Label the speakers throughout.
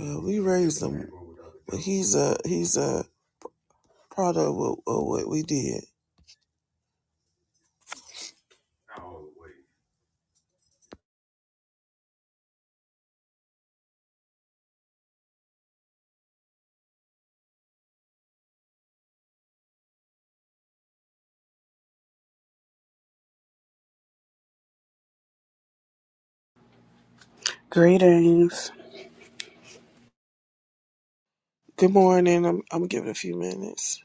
Speaker 1: Well, we, he's a he's a product of, what- of what we did.
Speaker 2: Greetings,
Speaker 1: Good morning. I'm I'm giving a few minutes.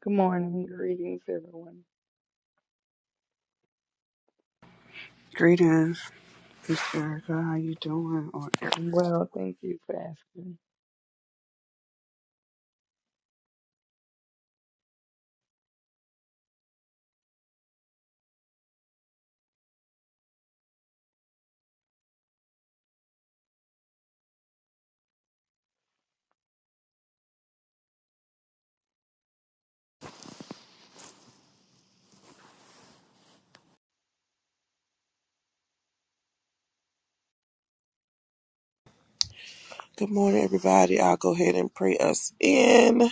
Speaker 3: Good morning, greetings, everyone.
Speaker 2: greetings, Miss Erica. How you doing? Or,
Speaker 3: I'm well, thank you for asking.
Speaker 1: Good morning, everybody. I'll go ahead and pray us in.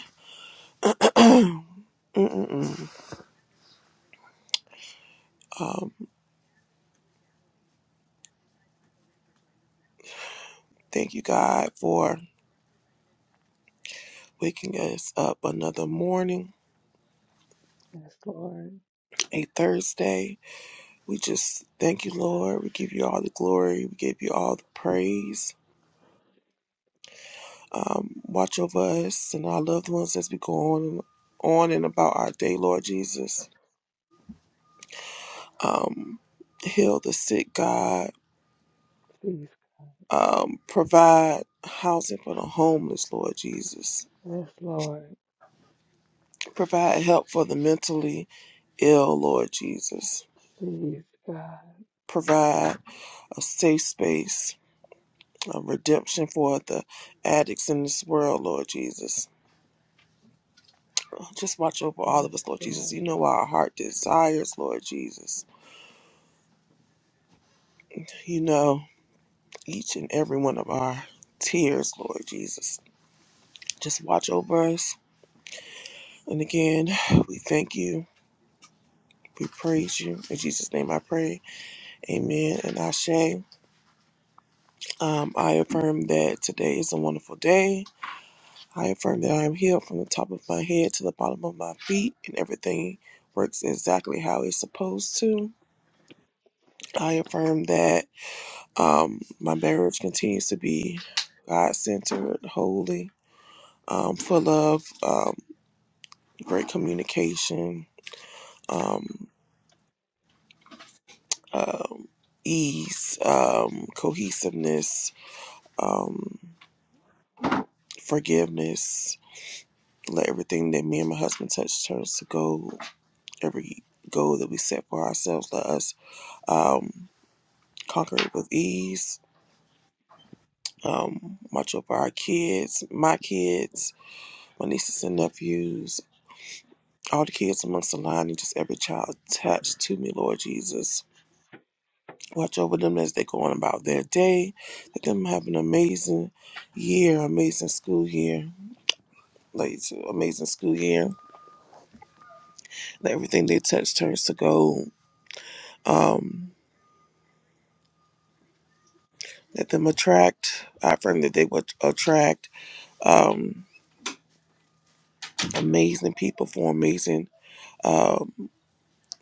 Speaker 1: Thank you, God, for waking us up another morning,
Speaker 3: Yes, Lord.
Speaker 1: a Thursday. We just thank you, Lord. We give you all the glory. We give you all the praise. Um, watch over us and our loved ones as we go on and on and about our day, Lord Jesus. Um, heal the sick, God
Speaker 3: Please,
Speaker 1: Um, provide housing for the homeless, Lord Jesus.
Speaker 3: yes, Lord.
Speaker 1: Provide help for the mentally ill, Lord Jesus.
Speaker 3: Please, God.
Speaker 1: Provide a safe space, a redemption for the addicts in this world, Lord Jesus. Just watch over all
Speaker 3: Yes,
Speaker 1: of us, Lord Jesus.
Speaker 3: God.
Speaker 1: You know our heart desires, Lord Jesus. You know each and every one of our tears, Lord Jesus. Just watch over us. And again, we thank you. We praise you. In Jesus' name I pray. Amen. And Ashe, um, I affirm that today is a wonderful day. I affirm that I am healed from the top of my head to the bottom of my feet, and everything works exactly how it's supposed to. I affirm that um, my marriage continues to be God centered, holy, um, full of um, great communication, um, um, ease, um, cohesiveness, um, forgiveness Let everything that me and my husband touch turn to gold. Every goal that we set for ourselves, let us um, conquer it with ease. Um, watch over our kids, my kids, my nieces and nephews, all the kids amongst the line, and just every child attached to me, Lord Jesus. Watch over them as they go on about their day. Let them have an amazing year, amazing school year, like it's an amazing school year. Let everything they touch turns to gold. Um, Let them attract, I affirm that they will attract um, amazing people for amazing um,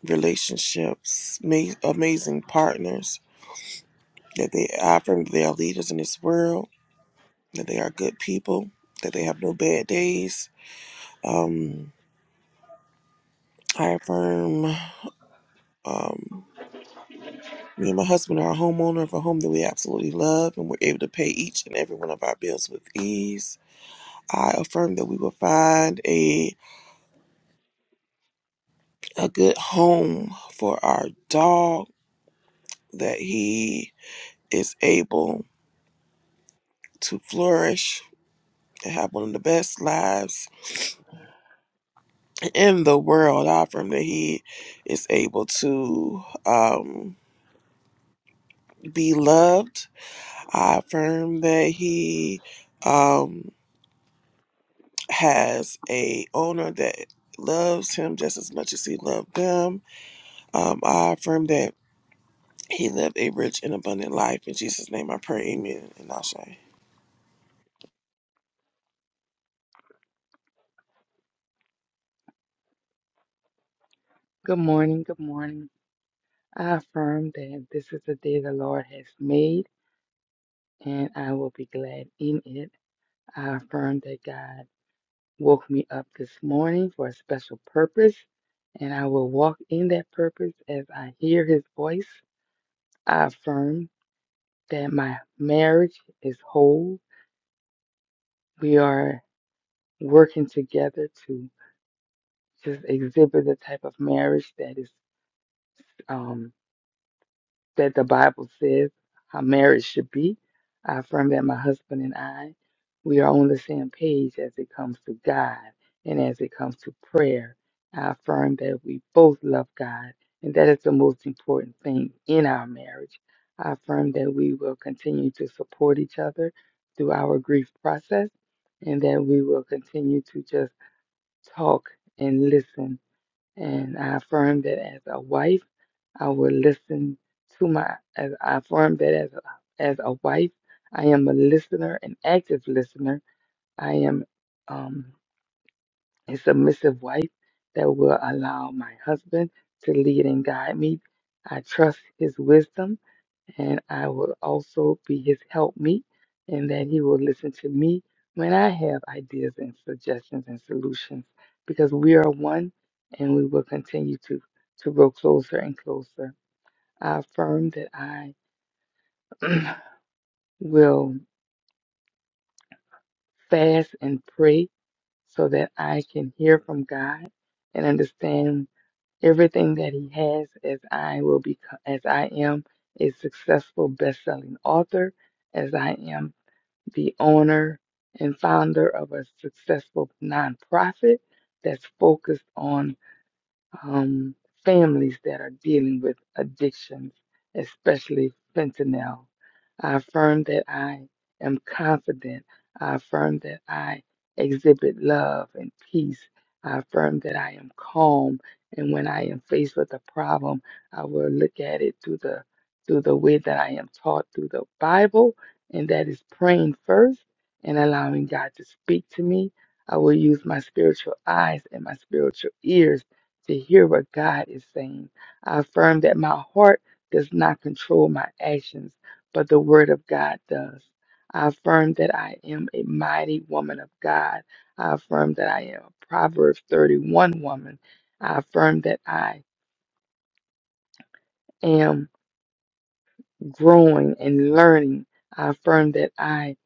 Speaker 1: relationships, ma- amazing partners. That they, I affirm that they are leaders in this world, that they are good people, that they have no bad days. Um, I affirm um, me and my husband are a homeowner of a home that we absolutely love and we're able to pay each and every one of our bills with ease. I affirm that we will find a. a good home for our dog, that he is able to flourish and have one of the best lives in the world. I affirm that he is able to um, be loved. I affirm that he um, has a owner that loves him just as much as he loved them. Um, I affirm that he lived a rich and abundant life. In Jesus' name I pray, amen and i
Speaker 3: Good morning, good morning. I affirm that this is the day the Lord has made, and I will be glad in it. I affirm that God woke me up this morning for a special purpose, and I will walk in that purpose as I hear His voice. I affirm that my marriage is whole. We are working together to just exhibit the type of marriage that is um, that the Bible says how marriage should be. I affirm that my husband and I, we are on the same page as it comes to God and as it comes to prayer. I affirm that we both love God, and that is the most important thing in our marriage. I affirm that we will continue to support each other through our grief process and that we will continue to just talk and listen. And I affirm that as a wife, I will listen to my. As I affirm that as a, as a wife, I am a listener, an active listener. I am um, a submissive wife that will allow my husband to lead and guide me. I trust his wisdom and I will also be his helpmeet, and that he will listen to me when I have ideas and suggestions and solutions, because we are one, and we will continue to to grow closer and closer. I affirm that I will fast and pray so that I can hear from God and understand everything that He has, as I will be, as I am a successful best-selling author, as I am the owner and founder of a successful nonprofit that's focused on um, families that are dealing with addictions, especially fentanyl. I affirm that I am confident. I affirm that I exhibit love and peace. I affirm that I am calm, and when I am faced with a problem, I will look at it through the through the way that I am taught through the Bible, and that is praying first and allowing God to speak to me. I will use my spiritual eyes and my spiritual ears to hear what God is saying. I affirm that my heart does not control my actions, but the Word of God does. I affirm that I am a mighty woman of God. I affirm that I am a Proverbs 31 woman. I affirm that I am growing and learning. I affirm that I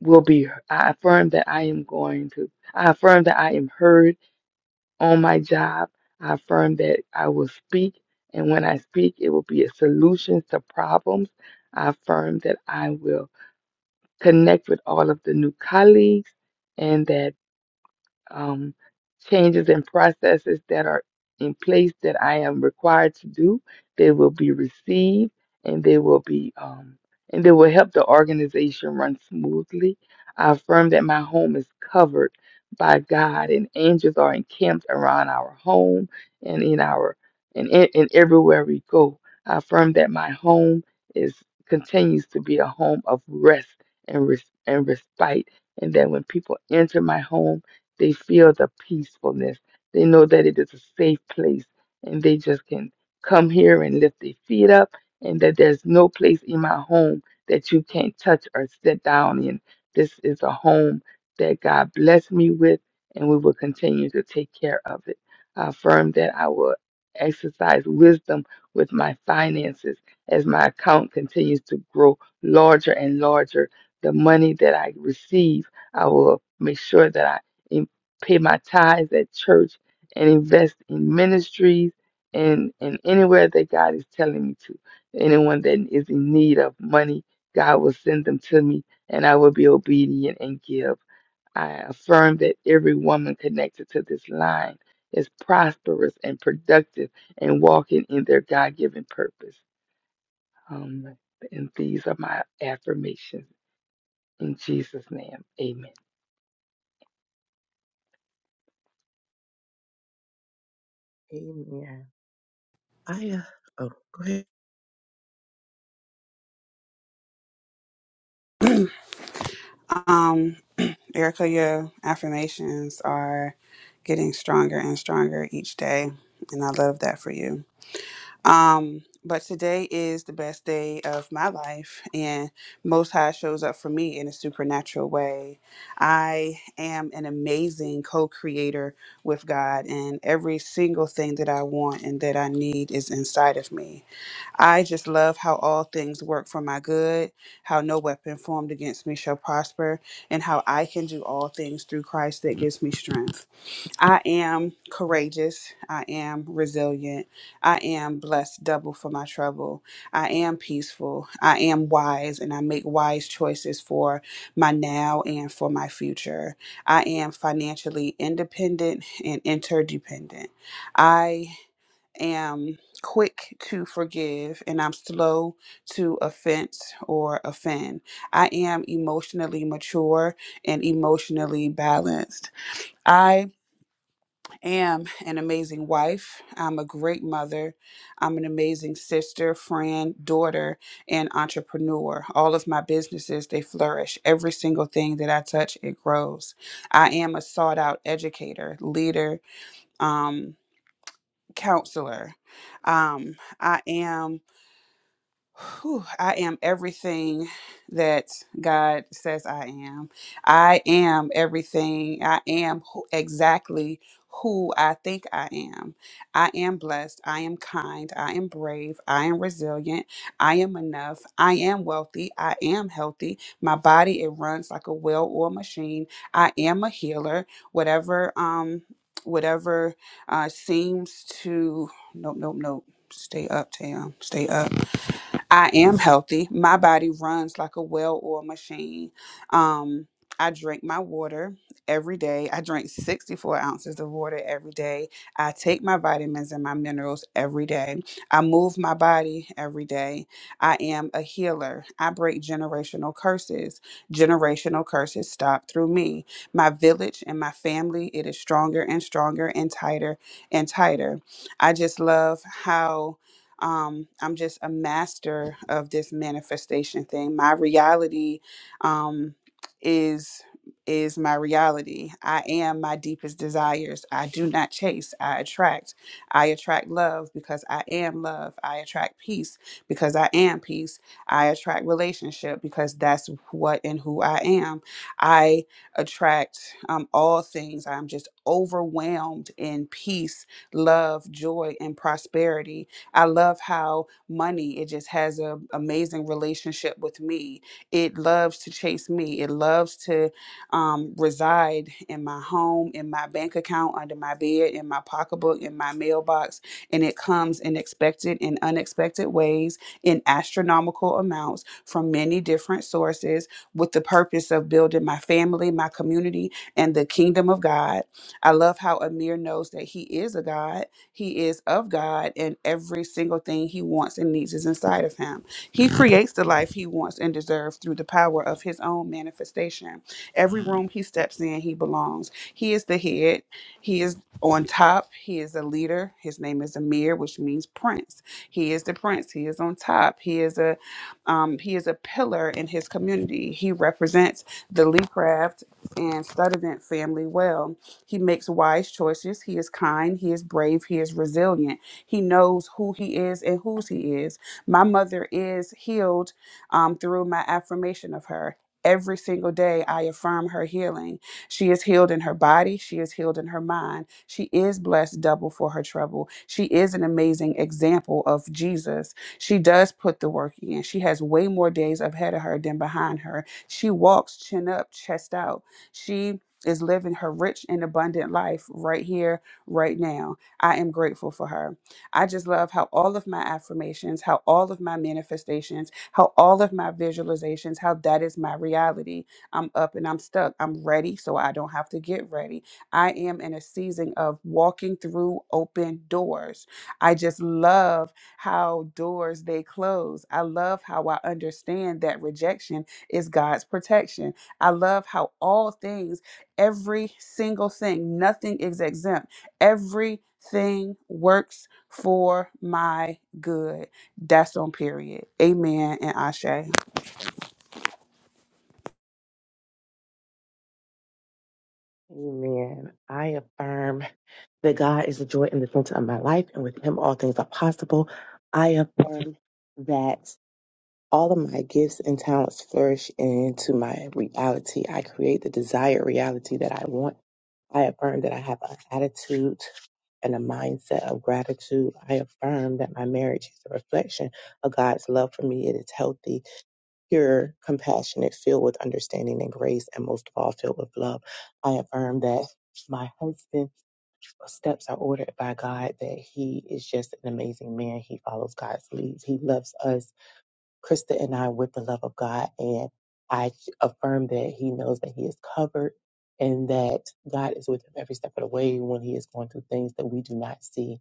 Speaker 3: will be, I affirm that I am going to, I affirm that I am heard on my job. I affirm that I will speak, and when I speak, it will be a solution to problems. I affirm that I will connect with all of the new colleagues, and that um, changes and processes that are in place that I am required to do. They will be received and they will be um, and they will help the organization run smoothly. I affirm that my home is covered by God and angels are encamped around our home and in our and, in- and everywhere we go. I affirm that my home is continues to be a home of rest and res, and respite and that when people enter my home they feel the peacefulness. They know that it is a safe place and they just can come here and lift their feet up and that there's no place in my home that you can't touch or sit down in. This is a home that God blessed me with and we will continue to take care of it. I affirm that I will exercise wisdom with my finances as my account continues to grow larger and larger. The money that I receive, I will make sure that I pay my tithes at church and invest in ministries and, and anywhere that God is telling me to. Anyone that is in need of money, God will send them to me and I will be obedient and give. I affirm that every woman connected to this line is prosperous and productive and walking in their God given purpose. Um, and these are my affirmations. In Jesus' name, amen.
Speaker 4: Amen. I uh, oh, go ahead.
Speaker 2: um, Erica, your affirmations are getting stronger and stronger each day, and I love that for you. Um, but today is the best day of my life, and Most High shows up for me in a supernatural way. I am an amazing co-creator with God, and every single thing that I want and that I need is inside of me. I just love how all things work for my good, how no weapon formed against me shall prosper, and how I can do all things through Christ that gives me strength. I am courageous. I am resilient. I am blessed double for my trouble. I am peaceful. I am wise, and I make wise choices for my now and for my future. I am financially independent and interdependent. I am quick to forgive and I'm slow to offense or offend. I am emotionally mature and emotionally balanced. I am an amazing wife. I'm a great mother. I'm an amazing sister, friend, daughter, and entrepreneur. All of my businesses, they flourish. Every single thing that I touch, it grows. I am a sought out educator, leader, um, counselor. Um, I am Whew, I am everything that God says I am. I am everything. I am who, exactly who I think I am. I am blessed. I am kind. I am brave. I am resilient. I am enough. I am wealthy. I am healthy. My body it runs like a well-oiled machine. I am a healer. Whatever um whatever uh seems to nope nope nope. Stay up, Tam. Stay up. I am healthy. My body runs like a well-oiled machine. Um, I drink my water every day. I drink 64 ounces of water every day. I take my vitamins and my minerals every day. I move my body every day. I am a healer. I break generational curses. Generational curses stop through me. My village and my family, it is stronger and stronger and tighter and tighter. I just love how um, I'm just a master of this manifestation thing. My reality um, is is my reality. I am my deepest desires. I do not chase. I attract. I attract love because I am love. I attract peace because I am peace. I attract relationship because that's what and who I am. I attract um, all things. I'm just overwhelmed in peace, love, joy, and prosperity. I love how money, it just has an amazing relationship with me. It loves to chase me. It loves to um, reside in my home, in my bank account, under my bed, in my pocketbook, in my mailbox. And it comes in expected and unexpected ways in astronomical amounts from many different sources with the purpose of building my family, my community, and the kingdom of God. I love how Amir knows that he is a God he is of God, and every single thing he wants and needs is inside of him. He creates the life he wants and deserves through the power of his own manifestation. Every room he steps in, he belongs. He is the head, he is on top, he is a leader. His name is Amir, which means prince. He is the prince, he is on top, he is a um, he is a pillar in his community. He represents the Lee Craft and Studevant family well. He makes wise choices. He is kind. He is brave. He is resilient. He knows who he is and whose he is. My mother is healed um, through my affirmation of her. Every single day, I affirm her healing. She is healed in her body. She is healed in her mind. She is blessed double for her trouble. She is an amazing example of Jesus. She does put the work in. She has way more days ahead of her than behind her. She walks chin up, chest out. She is living her rich and abundant life right here, right now. I am grateful for her. I just love how all of my affirmations, how all of my manifestations, how all of my visualizations, how that is my reality. I'm up and I'm stuck. I'm ready, so I don't have to get ready. I am in a season of walking through open doors. I just love how doors they close. I love how I understand that rejection is God's protection. I love how all things every single thing. Nothing is exempt. Everything works for my good. That's on period. Amen and Ashe.
Speaker 4: Amen. I affirm that God is the joy and the center of my life, and with Him all things are possible. I affirm that all of my gifts and talents flourish into my reality. I create the desired reality that I want. I affirm that I have an attitude and a mindset of gratitude. I affirm that my marriage is a reflection of God's love for me. It is healthy pure, compassionate, filled with understanding and grace, and most of all, filled with love. I affirm that my husband's steps are ordered by God, that he is just an amazing man. He follows God's leads. He loves us, Krista and I, with the love of God. And I affirm that he knows that he is covered and that God is with him every step of the way when he is going through things that we do not see.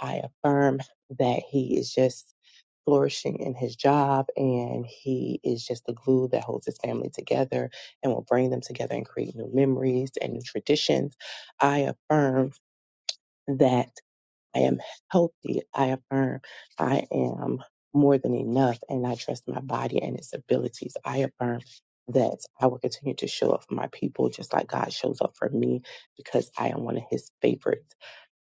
Speaker 4: I affirm that he is just flourishing in his job and he is just the glue that holds his family together and will bring them together and create new memories and new traditions. I affirm that I am healthy. I affirm I am more than enough and I trust my body and its abilities. I affirm that I will continue to show up for my people just like God shows up for me because I am one of his favorites.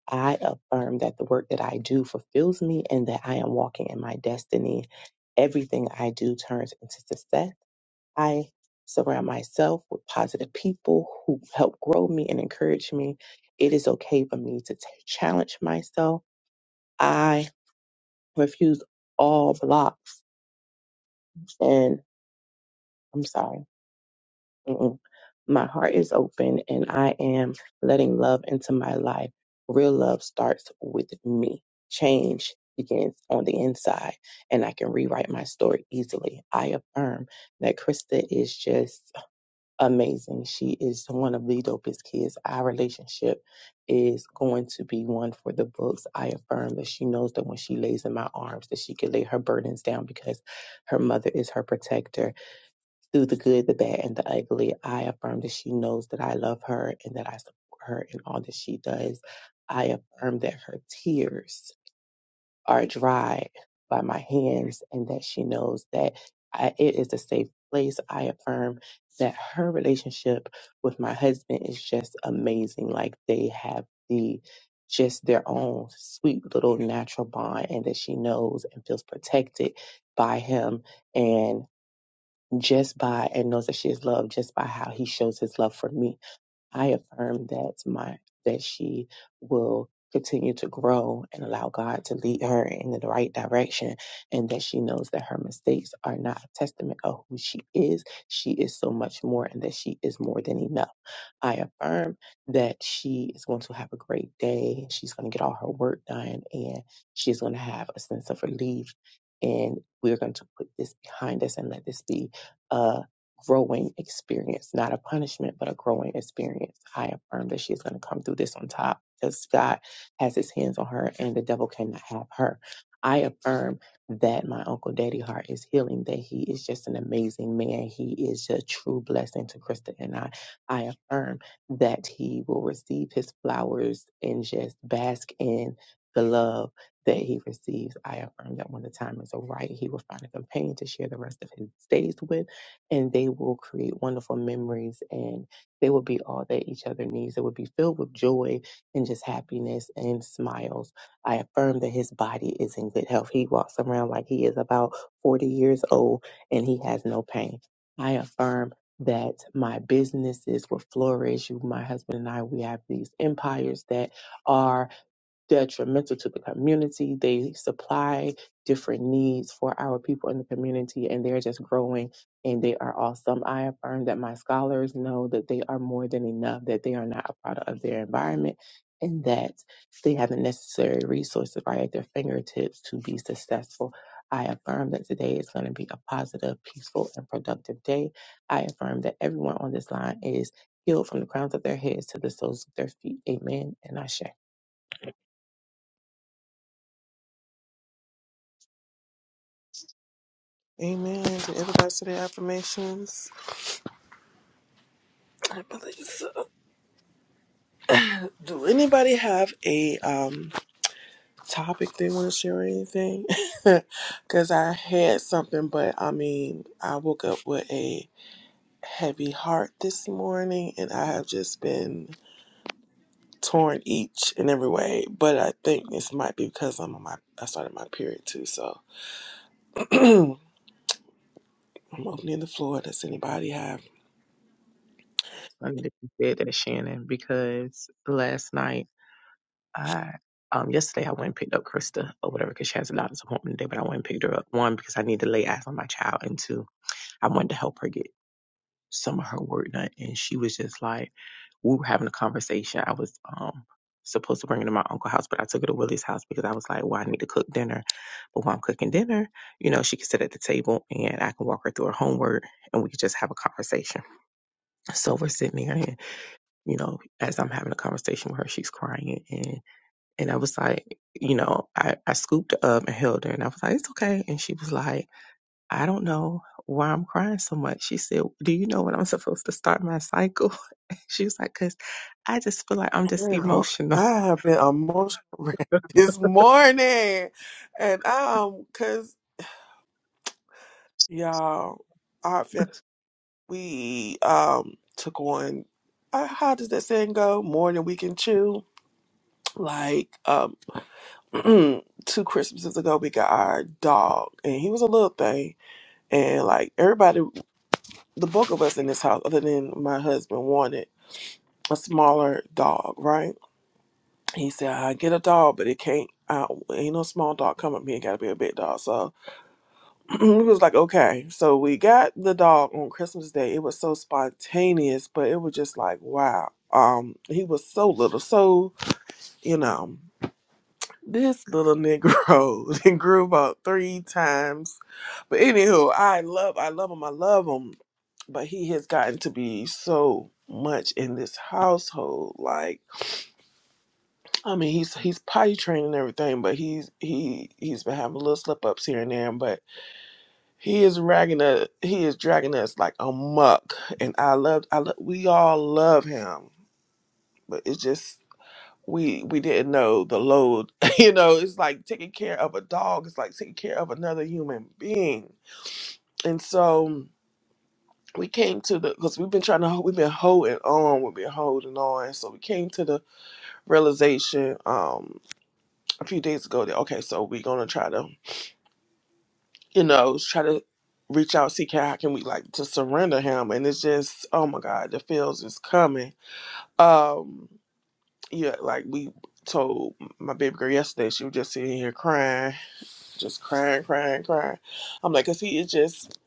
Speaker 4: I affirm that the work that I do fulfills me and that I am walking in my destiny. Everything I do turns into success. I surround myself with positive people who help grow me and encourage me. It is okay for me to t- challenge myself. I refuse all blocks and I'm sorry. Mm-mm. My heart is open and I am letting love into my life. Real love starts with me. Change begins on the inside, and I can rewrite my story easily. I affirm that Krista is just amazing. She is one of the dopest kids. Our relationship is going to be one for the books. I affirm that she knows that when she lays in my arms, that she can lay her burdens down because her mother is her protector through the good, the bad, and the ugly, I affirm that she knows that I love her and that I support her in all that she does. I affirm that her tears are dried by my hands and that she knows that I, it is a safe place. I affirm that her relationship with my husband is just amazing. Like they have the just their own sweet little natural bond and that she knows and feels protected by him and just by and knows that she is loved just by how he shows his love for me. I affirm that my that she will continue to grow and allow God to lead her in the right direction and that she knows that her mistakes are not a testament of who she is. She is so much more and that she is more than enough. I affirm that she is going to have a great day. She's going to get all her work done and she's going to have a sense of relief and we're going to put this behind us and let this be growing experience, not a punishment, but a growing experience. I affirm that she's going to come through this on top because God has his hands on her and the devil cannot have her. I affirm that my Uncle Daddy Hart is healing, that he is just an amazing man. He is a true blessing to Krista and I. I affirm that he will receive his flowers and just bask in the love that he receives. I affirm that when the time is right, he will find a companion to share the rest of his days with and they will create wonderful memories and they will be all that each other needs. They will be filled with joy and just happiness and smiles. I affirm that his body is in good health. He walks around like he is about 40 years old and he has no pain. I affirm that my businesses will flourish. My husband and I, we have these empires that are detrimental to the community. They supply different needs for our people in the community, and they're just growing and they are awesome. I affirm that my scholars know that they are more than enough, that they are not a product of their environment, and that they have the necessary resources right at their fingertips to be successful. I affirm that today is going to be a positive, peaceful, and productive day. I affirm that everyone on this line is healed from the crowns of their heads to the soles of their feet. Amen. And I
Speaker 1: Amen. Did everybody say their affirmations? I believe so. Do anybody have a um topic they want to share or anything? Because I had something, but I mean, I woke up with a heavy heart this morning, and I have just been torn each and every way. But I think this might be because I'm on my I started my period too, so I'm opening the floor. Does anybody have?
Speaker 4: It's funny that you said that, Shannon, because last night I um yesterday I went and picked up Krista or whatever because she has a doctor's appointment today, but I went and picked her up. One, because I need to lay eyes on my child and two, I wanted to help her get some of her work done. And she was just like we were having a conversation. I was um supposed to bring her to my uncle's house, but I took her to Willie's house because I was like, Well, I need to cook dinner. But while I'm cooking dinner, you know, she can sit at the table and I can walk her through her homework and we can just have a conversation. So we're sitting there you know, as I'm having a conversation with her, she's crying. And, and I was like, you know, I, I scooped her up and held her and I was like, it's okay. And she was like, I don't know why I'm crying so much. She said, do you know when I'm supposed to start my cycle? She was like, cause I just feel like I'm just
Speaker 1: Girl,
Speaker 4: emotional.
Speaker 1: I have been emotional wrecked this morning, and um, cause y'all, our family we um took on. Uh, how does that saying go? More than we can chew. Like um, two Christmases ago, we got our dog, and he was a little thing, and like everybody. the bulk of us in this house, other than my husband, wanted a smaller dog, right? He said, I get a dog, but it can't, I, ain't no small dog coming. It got to be a big dog. So we was like, okay. So we got the dog on Christmas Day. It was so spontaneous, but it was just like, wow. Um, he was so little, so you know. This little Negro then grew about three times. But anywho, I love I love him, I love him. But he has gotten to be so much in this household. Like I mean he's he's potty trained and everything, but he's he he's been having little slip ups here and there, but he is ragging us he is dragging us like a muck. And I love I love we all love him. But it's just we we didn't know the load you know it's like taking care of a dog it's like taking care of another human being and so we came to the because we've been trying to ho- we've been holding on we've been holding on so we came to the realization um a few days ago that okay so we're gonna try to you know try to reach out see how can we like to surrender him and it's just oh my god the feels is coming um yeah like we told my baby girl yesterday she was just sitting here crying just crying, crying, crying. I'm like, cause he is just,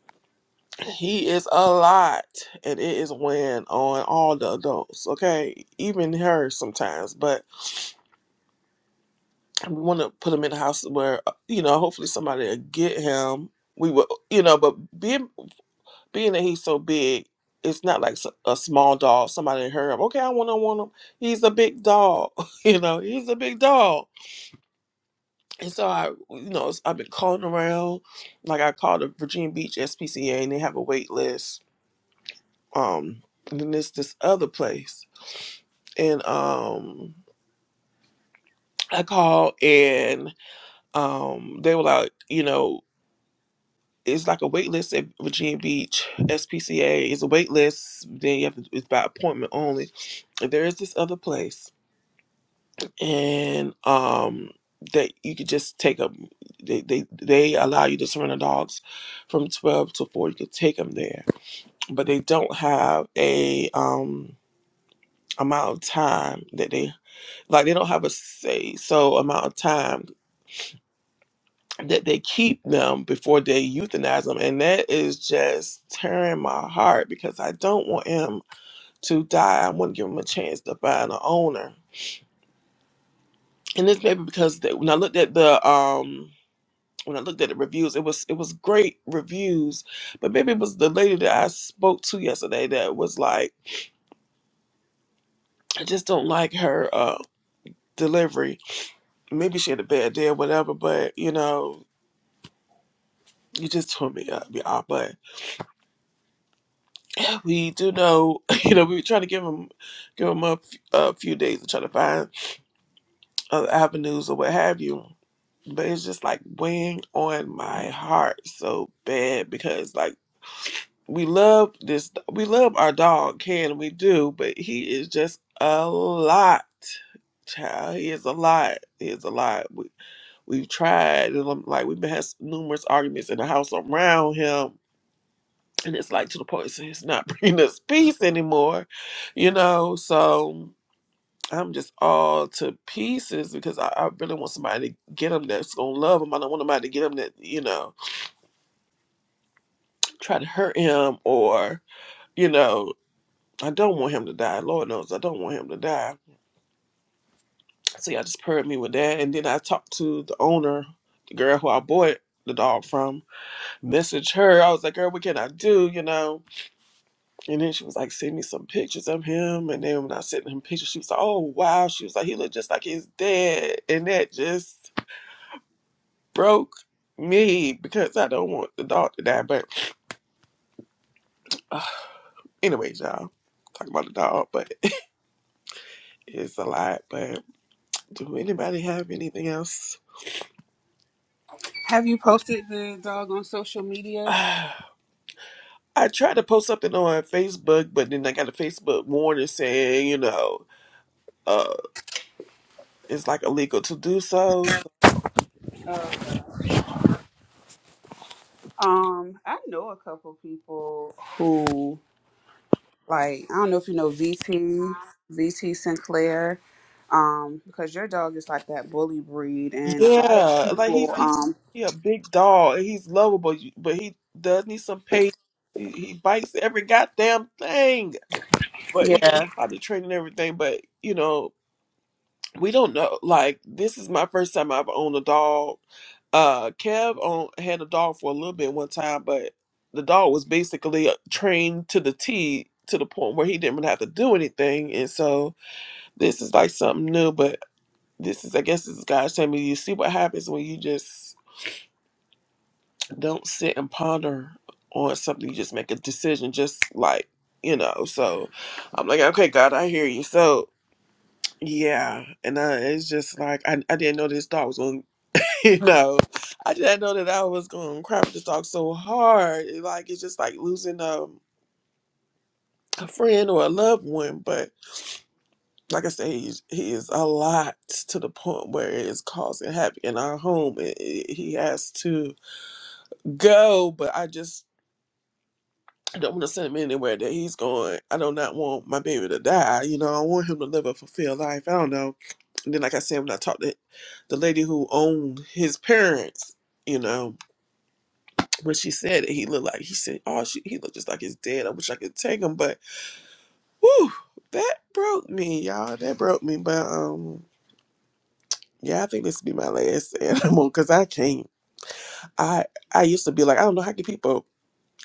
Speaker 1: he is a lot, and it is weighing on all the adults. Okay, even her sometimes. But we want to put him in a house where, uh, you know, hopefully somebody will get him. We will, you know, but being being that he's so big, it's not like s- a small dog. Somebody heard him. Okay, I want to want him. He's a big dog. you know, he's a big dog. And so I, you know, I've been calling around. Like I called the Virginia Beach SPCA, and they have a wait list. Um, and then there's this other place, and um, I called, and um, they were like, you know, it's like a wait list at Virginia Beach SPCA. It's a wait list. Then you have to, it's by appointment only. And there is this other place and um that you could just take them they, they they allow you to surrender dogs from 12 to 4 you could take them there but they don't have a um amount of time that they like they don't have a say so amount of time that they keep them before they euthanize them and that is just tearing my heart because i don't want him to die i want to give him a chance to find an owner and this may be because they, when i looked at the um when I looked at the reviews, it was it was great reviews, but maybe it was the lady that I spoke to yesterday that was like, I just don't like her uh delivery. Maybe she had a bad day or whatever, but you know, you just tore me up, y'all. But we do know, you know, we were trying to give him give him a, f- a few days to try to find other avenues or what have you. But it's just like weighing on my heart so bad because like. we love this we love our dog can we do but he is just a lot child he is a lot he is a lot we, we've tried and I'm like we've had numerous arguments in the house around him and it's like to the point so he's not bringing us peace anymore you know so I'm just all to pieces because I, I really want somebody to get him that's gonna love him. I don't want somebody to get him that you know try to hurt him or you know I don't want him to die. Lord knows I don't want him to die. See, y'all just paired me with that. And then I talked to the owner, the girl who I bought the dog from, messaged her. I was like, girl, what can I do? You know? And then she was like, send me some pictures of him. And then when I sent him pictures, she was like, oh, wow. She was like, he looked just like his dad. And that just broke me because I don't want the dog to die. But uh, anyways, y'all, talking about the dog, but it's a lot. But do anybody have anything else?
Speaker 2: Have you posted the dog on social media?
Speaker 1: I tried to post something on Facebook, but then I got a Facebook warning saying, you know, uh, it's like illegal to do so.
Speaker 2: Uh, um, I know a couple people who like I don't know if you know VT, VT Sinclair. Um, because your dog is like that bully breed and a lot of
Speaker 1: Yeah, like he's
Speaker 2: people
Speaker 1: he's
Speaker 2: um
Speaker 1: he a big dog. and He's lovable, you- but he does need some patience. He, he bites every goddamn thing, but he
Speaker 2: yeah.
Speaker 1: probably training everything. But you know, we don't know. Like this is my first time I've owned a dog. Uh, Kev on, had a dog for a little bit one time, but the dog was basically uh, trained to the T to the point where he didn't really have to do anything. And so this is like something new, but this is I guess this is God's telling me you see what happens when you just don't sit and ponder on something. You just make a decision, just like you know. So I'm like, okay, God, I hear you. So yeah, and uh, it's just like I, I didn't know this dog was going you know, I didn't know that I was gonna cry with this dog so hard. It, like it's just like losing um, a friend or a loved one. But like I say, he, he is a lot to the point where it is causing havoc in our home. It, it- he has to go, but I just. don't want to send him anywhere that he's going. I do not want my baby to die. You know, I want him to live a fulfilled life. I don't know. And then, like I said, when I talked to the lady who owned his parents, you know, When she said it, he looked like he said, "Oh, she, he looked just like his dad. I wish I could take him." But whew, that broke me, y'all. That broke me. But um, yeah, I think this will be my last animal because I can't. I I used to be like, I don't know how can people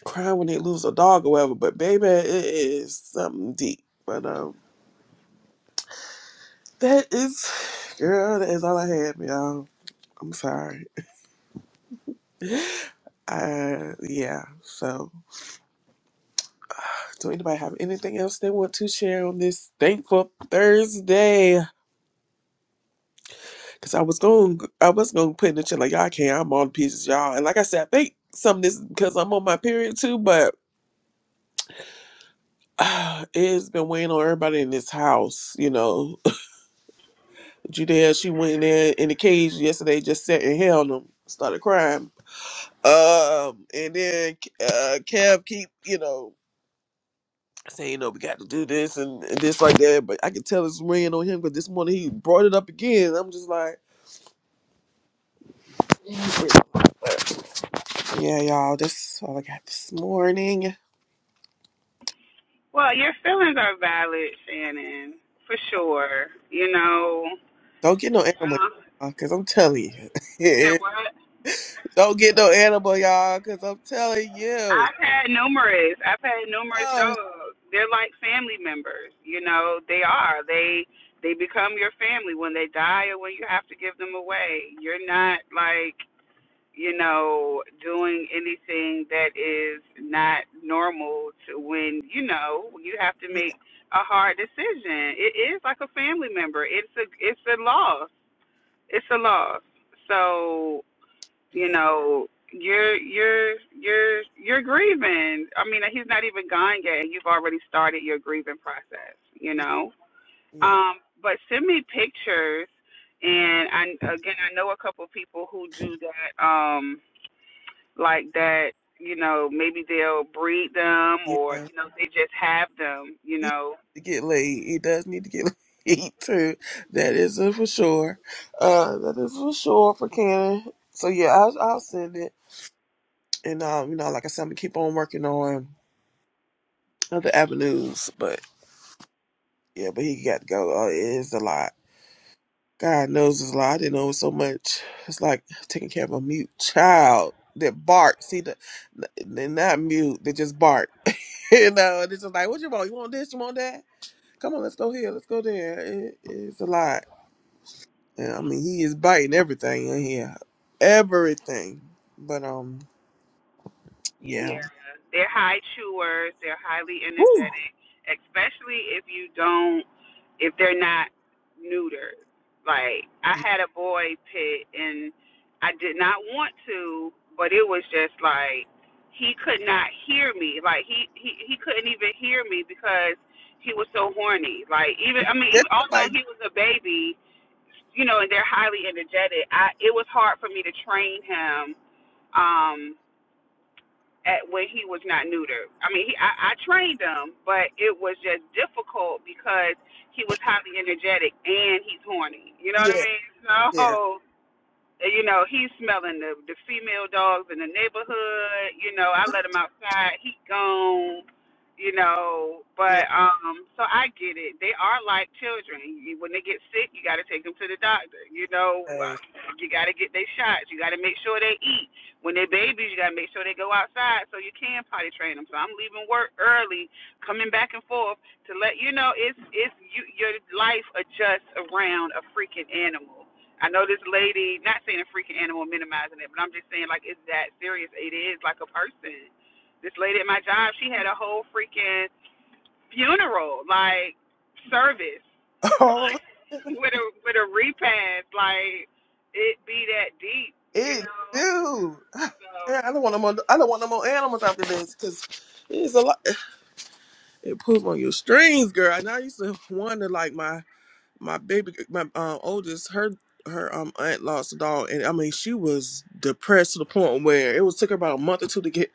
Speaker 1: cry when they lose a dog or whatever. But baby, it is something deep. But um, that is, girl, that is all I had, y'all. I'm sorry. Uh, yeah. So, do anybody have anything else they want to share on this thankful Thursday? Cause I was going, I was going to put in the chat like y'all can't. I'm on pieces, y'all. And like I said, I think some of this because I'm on my period too, but it's been weighing on everybody in this house. You know, Judea, she went in there in the cage yesterday, just sat and held them, started crying. Um, and then uh, Kev keep, you know, saying, you know, we got to do this and, and this like that." But I could tell it's weighing on him because this morning he brought it up again. I'm just like, "Yeah, y'all, that's all I got this morning."
Speaker 2: Well, your feelings are valid, Shannon, for sure. You know,
Speaker 1: Don't get no animal,
Speaker 2: uh,
Speaker 1: y'all, cause I'm telling
Speaker 2: you said
Speaker 1: you.
Speaker 2: what?
Speaker 1: Don't get no animal, y'all, cause I'm telling you.
Speaker 2: I've had numerous. I've had numerous
Speaker 1: Oh,
Speaker 2: dogs. They're like family members. You know, they are. They they become your family when they die or when you have to give them away. You're not like you know doing anything that is not normal to when you know you have to
Speaker 1: yeah,
Speaker 2: make a hard decision. It is like a family member. It's a it's a loss. it's a loss. So you
Speaker 1: yeah,
Speaker 2: know you're you're you're you're grieving. I mean, he's not even gone yet, and you've already started your grieving process. You
Speaker 1: yeah,
Speaker 2: know,
Speaker 1: yeah.
Speaker 2: um, but send me pictures, and I again I know a couple people who do that, um, like that. You know, maybe they'll breed them, or
Speaker 1: yeah.
Speaker 2: you know, they just have them. You
Speaker 1: He needs
Speaker 2: know,
Speaker 1: to get laid. He does need to get laid too. That is it for sure. Uh, that is for sure for Cannon. So yeah, I'll, I'll send it. And um, you know, like I said, I'm gonna keep on working on other avenues, but yeah, but he got to go. Uh, it is a lot. God knows it's a lot. I didn't know it was so much. It's like taking care of a mute child that barks. See, the, they're not mute. They just bark. you know, and it's just like, what you want? You want this? You want that? Come on, let's go here. Let's go there. It, it's a lot. And, I mean, he is biting everything in here, everything. But um, yeah.
Speaker 2: Yeah, they're high chewers. They're highly
Speaker 1: Woo.
Speaker 2: energetic, especially if you don't, if they're not neutered. Like I
Speaker 1: Yeah,
Speaker 2: had a boy pit, and I did not want to, but it was just like he could not hear me. Like he he he couldn't even hear me because he was so horny. Like even I mean,
Speaker 1: it
Speaker 2: even, although
Speaker 1: might. be.
Speaker 2: he was a baby, you know, and they're highly energetic, I it was hard for me to train him Um, at when he was not neutered. I mean, he, I, I trained him, but it was just difficult because he was highly energetic and he's horny. You know what I
Speaker 1: Yeah,
Speaker 2: mean?
Speaker 1: yeah,
Speaker 2: So, you know, he's smelling the the female dogs in the neighborhood. You know, I let him outside. He gone you know. But um, so I get it. They are like children. You, when they get sick, you got to take them to the doctor. You know,
Speaker 1: yeah.
Speaker 2: Uh, you got to get their shots. You got to make sure they eat. When they're babies, you got to make sure they go outside so you can potty train them. So I'm leaving work early, coming back and forth to let you know it's it's you your life adjusts around a freaking animal. I know this lady, not saying a freaking animal, minimizing it, but I'm just saying like it's that serious. It is like a person this lady at my job, she had a whole freaking funeral like service
Speaker 1: Oh,
Speaker 2: with a with a repast. Like it be that deep, you
Speaker 1: it
Speaker 2: know.
Speaker 1: do.
Speaker 2: So
Speaker 1: Yeah, I don't want no more. I don't want no more animals after this because it's a lot. It pulls on your strings, girl. And I used to wonder, like my my baby, my um, oldest, her her um aunt lost a dog, and I mean she was depressed to the point where it was took her about a month or two to get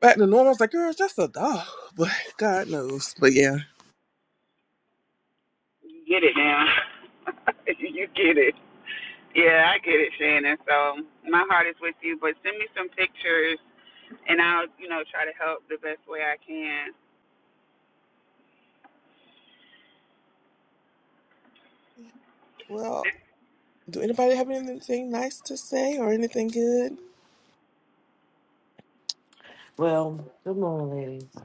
Speaker 1: back to normal. I was like, girl, it's just a dog, but God knows. But yeah.
Speaker 2: you get it now. you get it. Yeah, I get it, Shannon. So my heart is with you, but send me some pictures and I'll, you know, try to help the best way I can.
Speaker 1: Well, do anybody have anything nice to say or anything good?
Speaker 5: Well, good morning, ladies.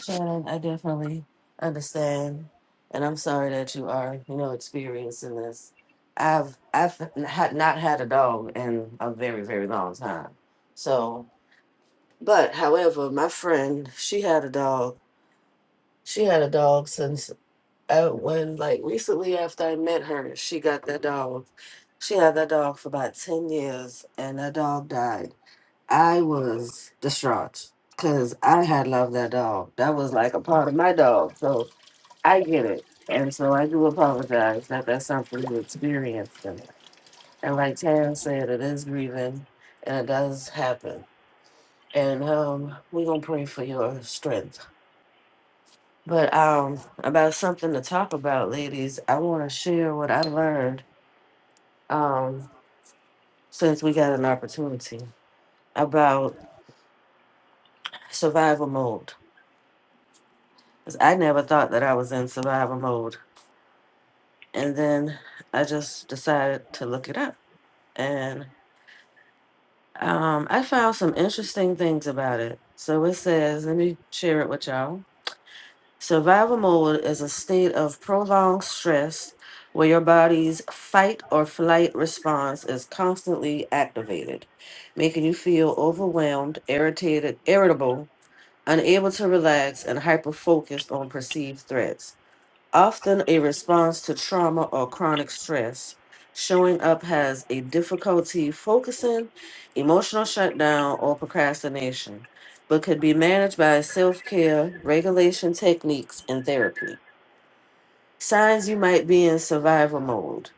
Speaker 5: Shannon, I definitely understand, and I'm sorry that you are, you know, experiencing this. I've I've had not had a dog in a very very long time. So, but however, my friend, she had a dog. She had a dog since uh, when, like recently after I met her, she got that dog. She had that dog for about ten years, and that dog died. I was distraught because I had loved that dog. That was like a part of my dog. So I get it. And so I do apologize that that's something you experienced. And, and like Taryn said, it is grieving and it does happen. And um, we're going to pray for your strength. But um, about something to talk about, ladies, I want to share what I learned um, since we got an opportunity about survival mode 'Cause I never thought that I was in survival mode. And then I just decided to look it up. And um, I found some interesting things about it. So it says, let me share it with y'all. Survival mode is a state of prolonged stress where your body's fight or flight response is constantly activated, making you feel overwhelmed, irritated, irritable, unable to relax, and hyper focused on perceived threats. often a response to trauma or chronic stress. Showing up has a difficulty focusing, emotional shutdown, or procrastination, but could be managed by self care, regulation techniques, and therapy. Signs you might be in survival mode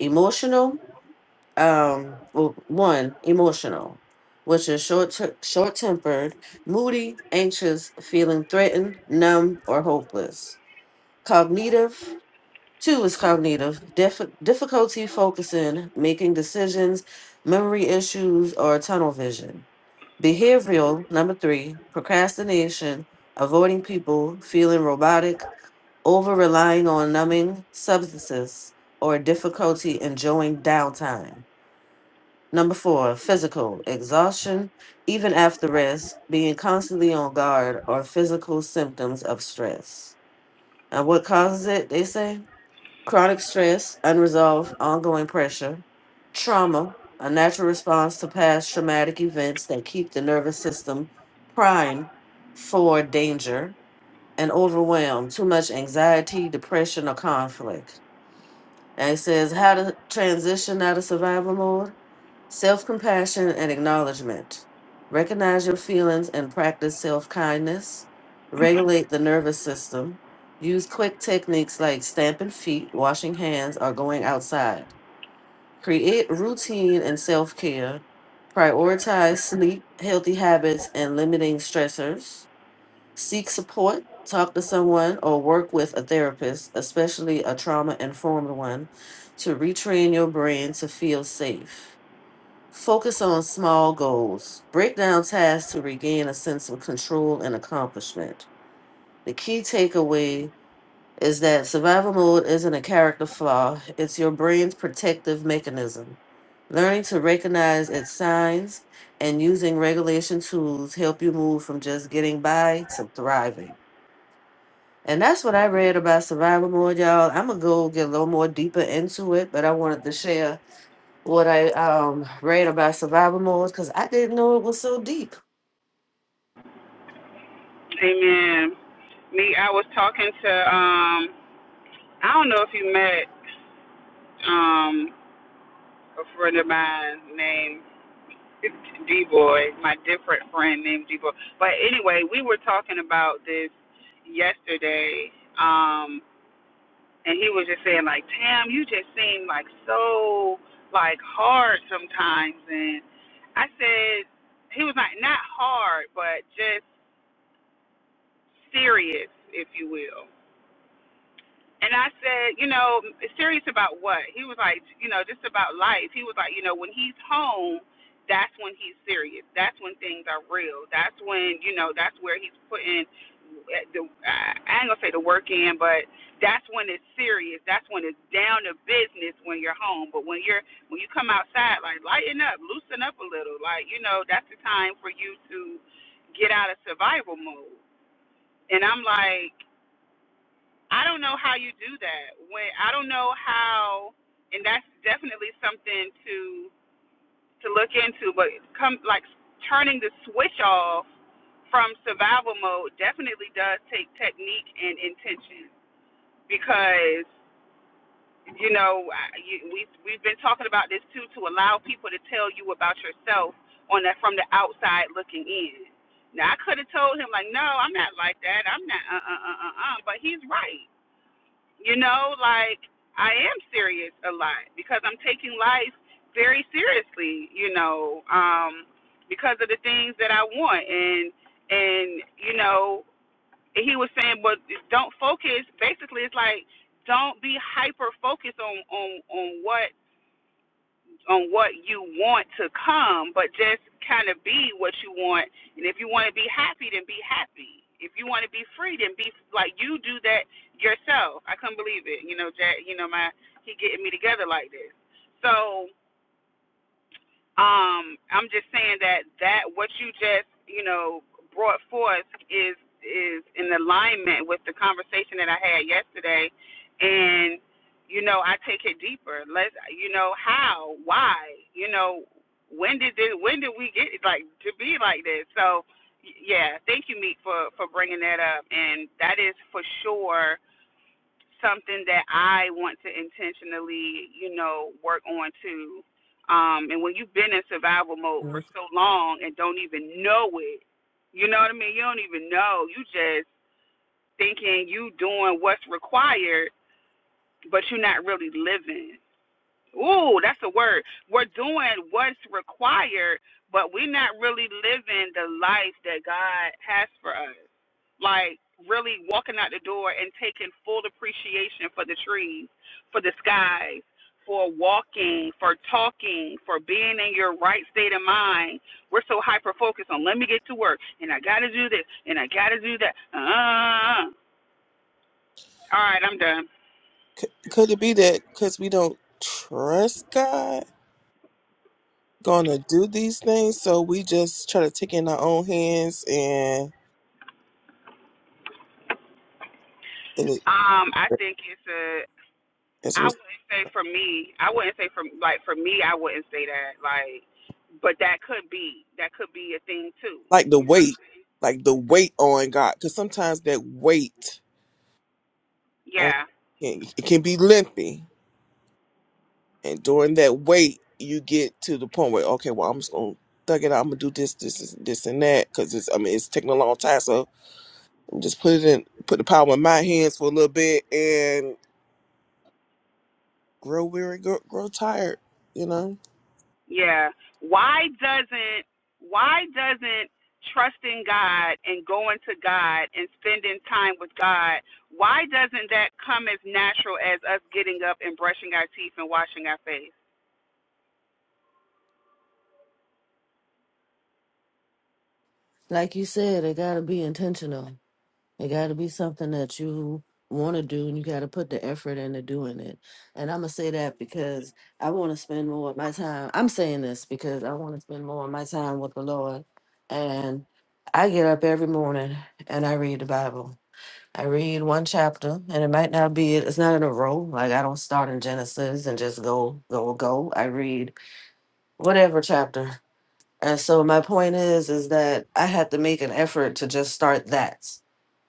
Speaker 5: emotional, um, well, one, emotional, which is short short tempered, moody, anxious, feeling threatened, numb, or hopeless. Cognitive, Two is cognitive dif- difficulty focusing, making decisions, memory issues, or tunnel vision. Behavioral, number three, procrastination, avoiding people, feeling robotic, over relying on numbing substances, or difficulty enjoying downtime. Number four, physical, exhaustion, even after rest, being constantly on guard, or physical symptoms of stress. And what causes it, they say? chronic stress, unresolved ongoing pressure, trauma, a natural response to past traumatic events that keep the nervous system primed for danger, and overwhelmed, too much anxiety, depression, or conflict. And it says how to transition out of survival mode. Self compassion and acknowledgement. Recognize your feelings and practice self kindness. Regulate the nervous system. Use quick techniques like stamping feet, washing hands, or going outside. Create routine and self care. Prioritize sleep, healthy habits, and limiting stressors. Seek support. Talk to someone or work with a therapist, especially a trauma informed one, to retrain your brain to feel safe Focus on small goals. Break down tasks to regain a sense of control and accomplishment. The key takeaway is that survival mode isn't a character flaw, it's your brain's protective mechanism. Learning to recognize its signs and using regulation tools help you move from just getting by to thriving. And that's what I read about survival mode, y'all. I'm going to go get a little more deeper into it, but I wanted to share what I um read about survival mode because I didn't know it was so deep.
Speaker 2: Amen. Me, I was talking to um I don't know if you met um a friend of mine named D Boy, my different friend named D Boy. But anyway, we were talking about this yesterday, um, and he was just saying like, Tam, you just seem like so like hard sometimes, and I said he was like not hard, but just serious, if you will. And I said, you know, serious about what? He was like, you know, just about life. He was like, you know, when he's home, that's when he's serious. That's when things are real. That's when, you know, that's where he's putting eh, the I ain't gonna say the work in, but that's when it's serious. That's when it's down to business when you're home. But when you're when you come outside, like lighten up, loosen up a little. Like you know, that's the time for you to get out of survival mode. And I'm like. I don't know how you do that. When I don't know how, and that's definitely something to to look into. But come like turning the switch off from survival mode definitely does take technique and intention because you know you, we we've been talking about this too to allow people to tell you about yourself on that from the outside looking in. Now I could have told him like, no, I'm not like that. I'm not uh uh uh uh. uh," But he's right you know, like I am serious a lot because I'm taking life very seriously, you know, um because of the things that I want and and you know, he was saying but don't focus basically it's like don't be hyper focused on on on what on what you want to come, but just kind of be what you want. And if you want to be happy, then be happy. If you want to be free, then be like you do that yourself. I couldn't believe it. You know, Jack. You know, my he getting me together like this. So um, I'm just saying that that what you just you know brought forth is is in alignment with the conversation that I had yesterday, and you know I take it deeper. Let's you know how, why, you know when did this, when did we get like to be like this? So y- yeah, thank you, Meek, for for bringing that up, and that is for sure something that I want to intentionally, you know, work on too. Um, and when you've been in survival mode for
Speaker 1: Mm.
Speaker 2: so long and don't even know it, you know what I mean? You don't even know. You just thinking you doing what's required, but you're not really living. Ooh, that's a word. We're doing what's required, but we're not really living the life that God has for us like really walking out the door and taking full appreciation for the trees, for the skies, for walking, for talking, for being in your right state of mind. We're so hyper focused on let me get to work and I gotta do this and I gotta do that. Uh, all right, I'm done.
Speaker 1: C- could it be that because we don't trust God, gonna do these things, so we just try to take it in our own hands and and it,
Speaker 2: Um, I think it's a.
Speaker 1: it's
Speaker 2: I wouldn't say for me. I wouldn't say for like for me. I wouldn't say that like, but that could be that could be a thing too.
Speaker 1: like the
Speaker 2: You know? What I'm
Speaker 1: weight, like the weight on God, because sometimes that weight
Speaker 2: saying?
Speaker 1: on
Speaker 2: Yeah.
Speaker 1: can- it can be lengthy, and during that weight, you get to the point where okay, well, I'm just gonna thug it out. I'm gonna do this, this, this, this and that, because it's I mean it's taking a long time, so I'm just put it in, put the power in my hands for a little bit, and grow weary, grow, grow tired. You know,
Speaker 2: Yeah. Why doesn't why doesn't trusting God and going to God and spending time with God, why doesn't that come as natural as us getting up and brushing our teeth and washing our face?
Speaker 5: Like you said, it gotta be intentional. It gotta be something that you want to do, and you gotta put the effort into doing it. And I'm gonna say that because I want to spend more of my time. I'm saying this because I want to spend more of my time with the Lord. And I get up every morning and I read the Bible. I read one chapter, and it might not be it's not in a row. Like I don't start in Genesis and just go go go. I read whatever chapter. And so my point is is that I had to make an effort to just start that.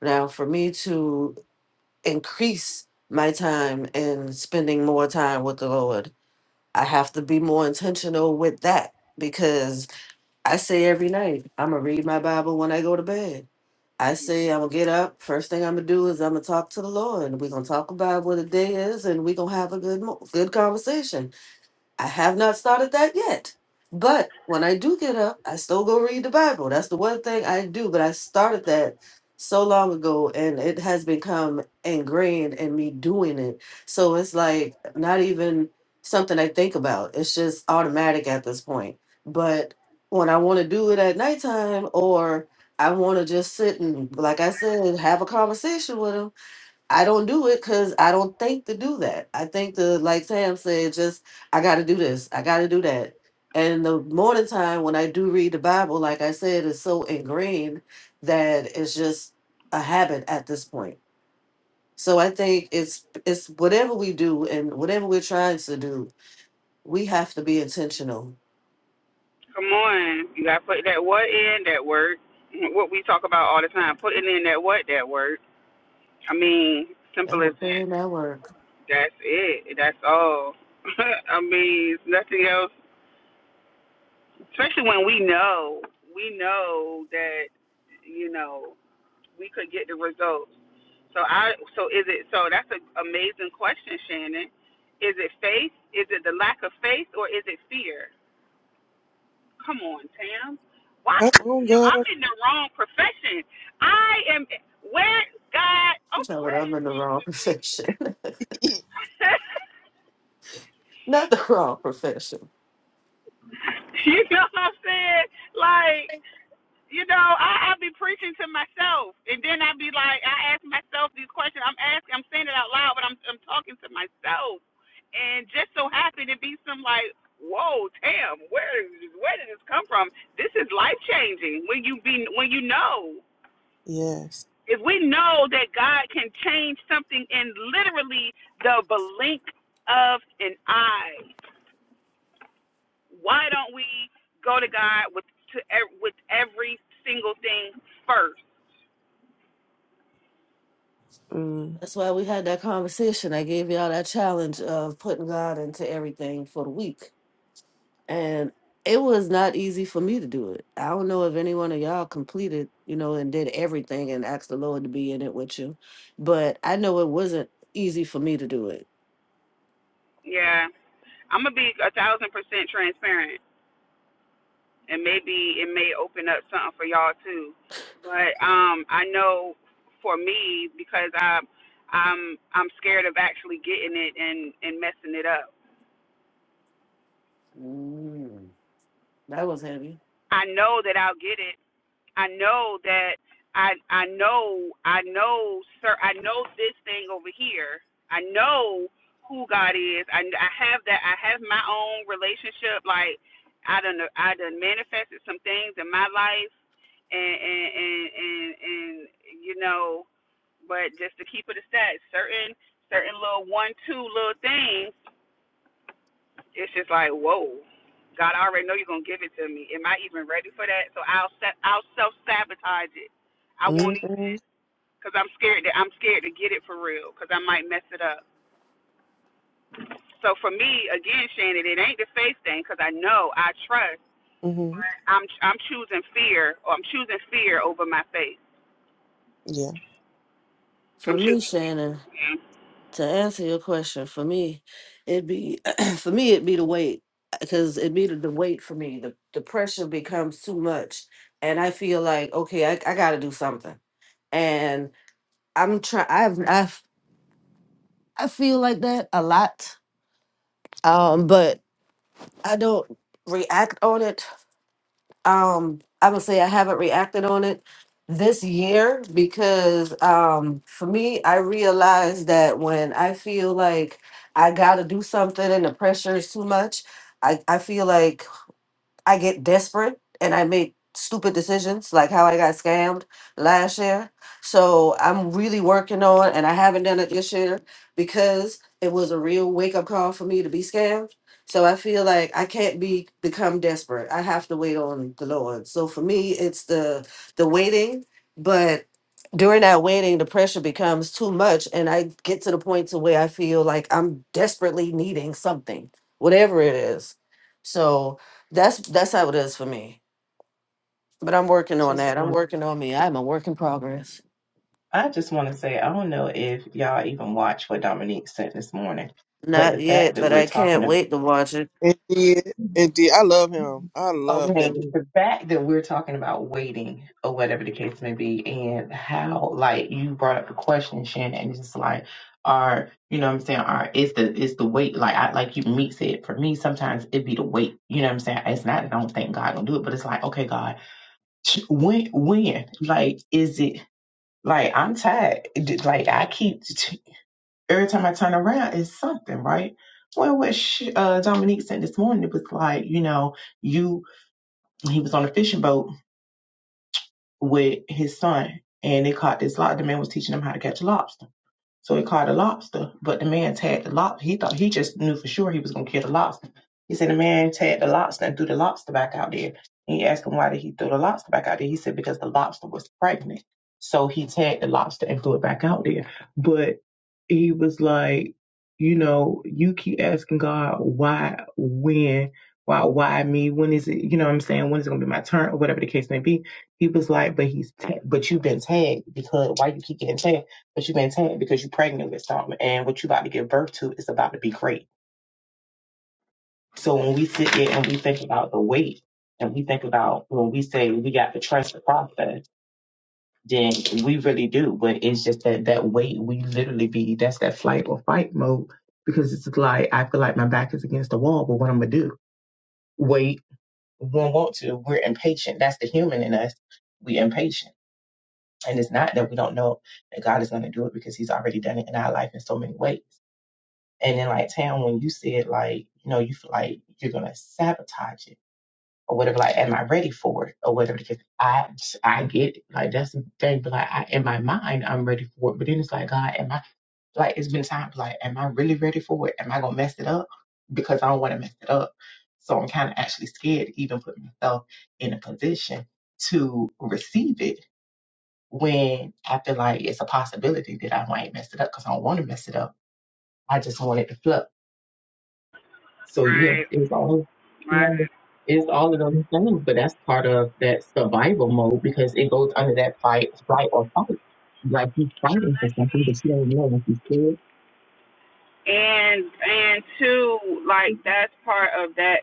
Speaker 5: Now for me to increase my time and spending more time with the Lord, I have to be more intentional with that because I say every night, I'm going to read my Bible when I go to bed. I say I'm going to get up, first thing I'm going to do is I'm going to talk to the Lord. and We're going to talk about what the day is and we're going to have a good mo- good conversation I have not started that yet. But when I do get up, I still go read the Bible. That's the one thing I do. But I started that so long ago and it has become ingrained in me doing it. So it's like not even something I think about. It's just automatic at this point. But when I want to do it at nighttime or I want to just sit and, like I said, have a conversation with him I don't do it because I don't think to do that. I think the like Sam said, just I got to do this, I got to do that. And the morning time when I do read the Bible, like I said, is so ingrained that it's just a habit at this point. So I think it's it's whatever we do and whatever we're trying to do, we have to be intentional.
Speaker 2: Come on. You gotta put that what in, that word. What we talk about all the time. Putting in that what, that word. I mean, simple
Speaker 5: Gotta
Speaker 2: as
Speaker 5: put
Speaker 2: that.
Speaker 5: in that work.
Speaker 2: That's it. That's all. I mean, nothing else. Especially when we know, we know that you know, we could get the results. So I so is it so that's an amazing question, Shannon. Is it faith? Is it the lack of faith or is it fear? Come on, Tam. Why
Speaker 1: come on,
Speaker 2: yo, I'm
Speaker 1: girl.
Speaker 2: in the wrong profession. I am where God
Speaker 5: You
Speaker 2: oh
Speaker 5: know what?
Speaker 2: where am
Speaker 5: I'm
Speaker 2: I
Speaker 5: in the
Speaker 2: supposed
Speaker 5: wrong
Speaker 2: to be?
Speaker 5: profession, not the wrong profession.
Speaker 2: you know what I'm saying? Like, you know, I, I be preaching to myself and then I be like I ask myself these questions. I'm asking I'm saying it out loud, but I'm I'm talking to myself and just so happened to be some like, whoa, damn, where where did this come from? This is life changing when you be when you know.
Speaker 1: Yes.
Speaker 2: If we know that God can change something in literally the blink of an eye, why don't we go to God with to e, with every single thing first?
Speaker 1: Mm.
Speaker 5: That's why we had that conversation. I gave y'all that challenge of putting God into everything for the week. And it was not easy for me to do it. I don't know if any one of y'all completed, you know, and did everything and asked the Lord to be in it with you. But I know it wasn't easy for me to do it.
Speaker 2: Yeah, I'm gonna be a thousand percent transparent. and maybe it may open up something for y'all too. But um, I know for me because I I'm I'm scared of actually getting it and and messing it up.
Speaker 5: Mm, that was heavy.
Speaker 2: I know that I'll get it I know that I I know I know sir I know this thing over here. I know who God is. I I have that I have my own relationship. Like I don't know I done manifested some things in my life and and and and, and you know, but just to keep it a stat, certain certain little one two little things it's just like, whoa, God, I already know you're gonna give it to me. Am I even ready for that? So I'll se- I'll self sabotage it. I won't even
Speaker 1: Mm-hmm.
Speaker 2: because I'm scared that I'm scared to get it for real because I might mess it up. So for me, again, Shannon, it ain't the faith thing because I know I trust. but
Speaker 1: hmm
Speaker 2: I'm I'm choosing fear or I'm choosing fear over my faith.
Speaker 1: Yeah.
Speaker 5: For
Speaker 2: I'm
Speaker 5: me,
Speaker 2: choosing
Speaker 5: Shannon.
Speaker 2: fear. okay?
Speaker 5: to answer your question, for me, it'd be for me it'd be the weight because it'd be the, the weight for me. The the pressure becomes too much, and I feel like okay, I, I got to do something, and I'm trying. I've I've I feel like that a lot, um, but I don't react on it um i would say i haven't reacted on it this year because um for me i realized that when i feel like i gotta do something and the pressure is too much i, I feel like I get desperate and I make stupid decisions like how I got scammed last year. So I'm really working on and I haven't done it this year because it was a real wake up call for me to be scammed. So I feel like I can't be become desperate. I have to wait on the Lord. So for me it's the the waiting, but during that waiting the pressure becomes too much and I get to the point to where I feel like I'm desperately needing something, whatever it is. So that's that's how it is for me. But I'm
Speaker 4: I
Speaker 5: working on
Speaker 4: Just
Speaker 5: that. I'm
Speaker 4: want,
Speaker 5: working on me. I'm a work in progress.
Speaker 4: I just want to say, I don't know if y'all even watch what Dominique said this morning, but the
Speaker 5: Not
Speaker 4: fact
Speaker 5: yet,
Speaker 4: that
Speaker 5: but
Speaker 4: we're
Speaker 5: I
Speaker 4: talking
Speaker 5: can't wait to watch it.
Speaker 1: Indeed.
Speaker 4: about
Speaker 1: Indeed. I love
Speaker 4: Mm-hmm.
Speaker 1: him. I love
Speaker 4: Okay,
Speaker 1: that
Speaker 4: the fact that we're talking about waiting or whatever the case may be, and how like you brought up the question, Shannon, and just like, are you know what I'm saying? Are it's the it's the weight like I like you meet said for me sometimes it be the weight. You know what I'm saying? It's not that I don't think God gonna do it, but it's like okay, God, when when like is it like I'm tired? Like I keep every time I turn around it's something right. Well, what sh- uh, Dominique said this morning, it was like you know you he was on a fishing boat with his son, and they caught this lobster. The man was teaching him how to catch a lobster. So he caught a lobster, but the man tagged the lobster. He thought he just knew for sure he was gonna kill the lobster. He said the man tagged the lobster and threw the lobster back out there. And he asked him why did he throw the lobster back out there. He said because the lobster was pregnant. So he tagged the lobster and threw it back out there. But he was like, you know, you keep asking God why, when, why, why me? When is it? You know what I'm saying? When is it gonna be my turn or whatever the case may be? He was like, but he's, ta- but you've been tagged because why you keep getting tagged? but you maintain it because you're pregnant with something and what you're about to give birth to is about to be great. So when we sit there and we think about the weight and we think about when we say we got to trust the process, then we really do. But it's just that that weight, we literally be, that's that flight or fight mode because it's like, I feel like my back is against the wall, but what I'm going to do? Wait. We don't want to. We're impatient. That's the human in us. we impatient. And it's not that we don't know that God is going to do it because he's already done it in our life in so many ways And then like Tam, when you said like, you know, you feel like you're gonna sabotage it or whatever, like, am I ready for it or whatever? Because I I get it. Like that's the thing, but like I, in my mind I'm ready for it. But then it's like, God, am I like it's been times like, am I really ready for it? Am I gonna mess it up? Because I don't wanna mess it up. So I'm kinda actually scared to even put myself in a position to receive it when I feel like it's a possibility that I might mess it up because I don't want to mess it up. I just want it to flow. So yeah,
Speaker 2: Right,
Speaker 4: it's all
Speaker 2: right.
Speaker 4: yeah, it's all of those things, but that's part of that survival mode because it goes under that fight, flight or fight. Like you're fighting for something, but you don't know if you feel
Speaker 2: and and two like that's part of that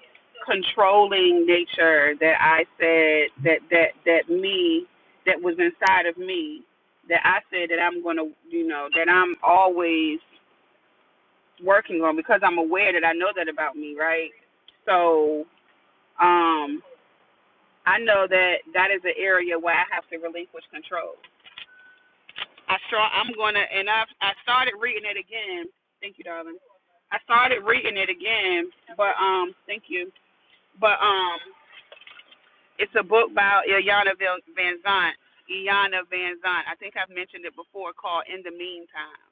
Speaker 2: controlling nature that i said that that that me that was inside of me that i said that i'm going to you know that i'm always working on because i'm aware that i know that about me right so um i know that that is an area where i have to relinquish control i start i'm going to and i i started reading it again thank you darling I started reading it again, but um, thank you. But um, it's a book by Ilyana Van Zant. Ilyana Van Zant. I think I've mentioned it before. Called In the Meantime.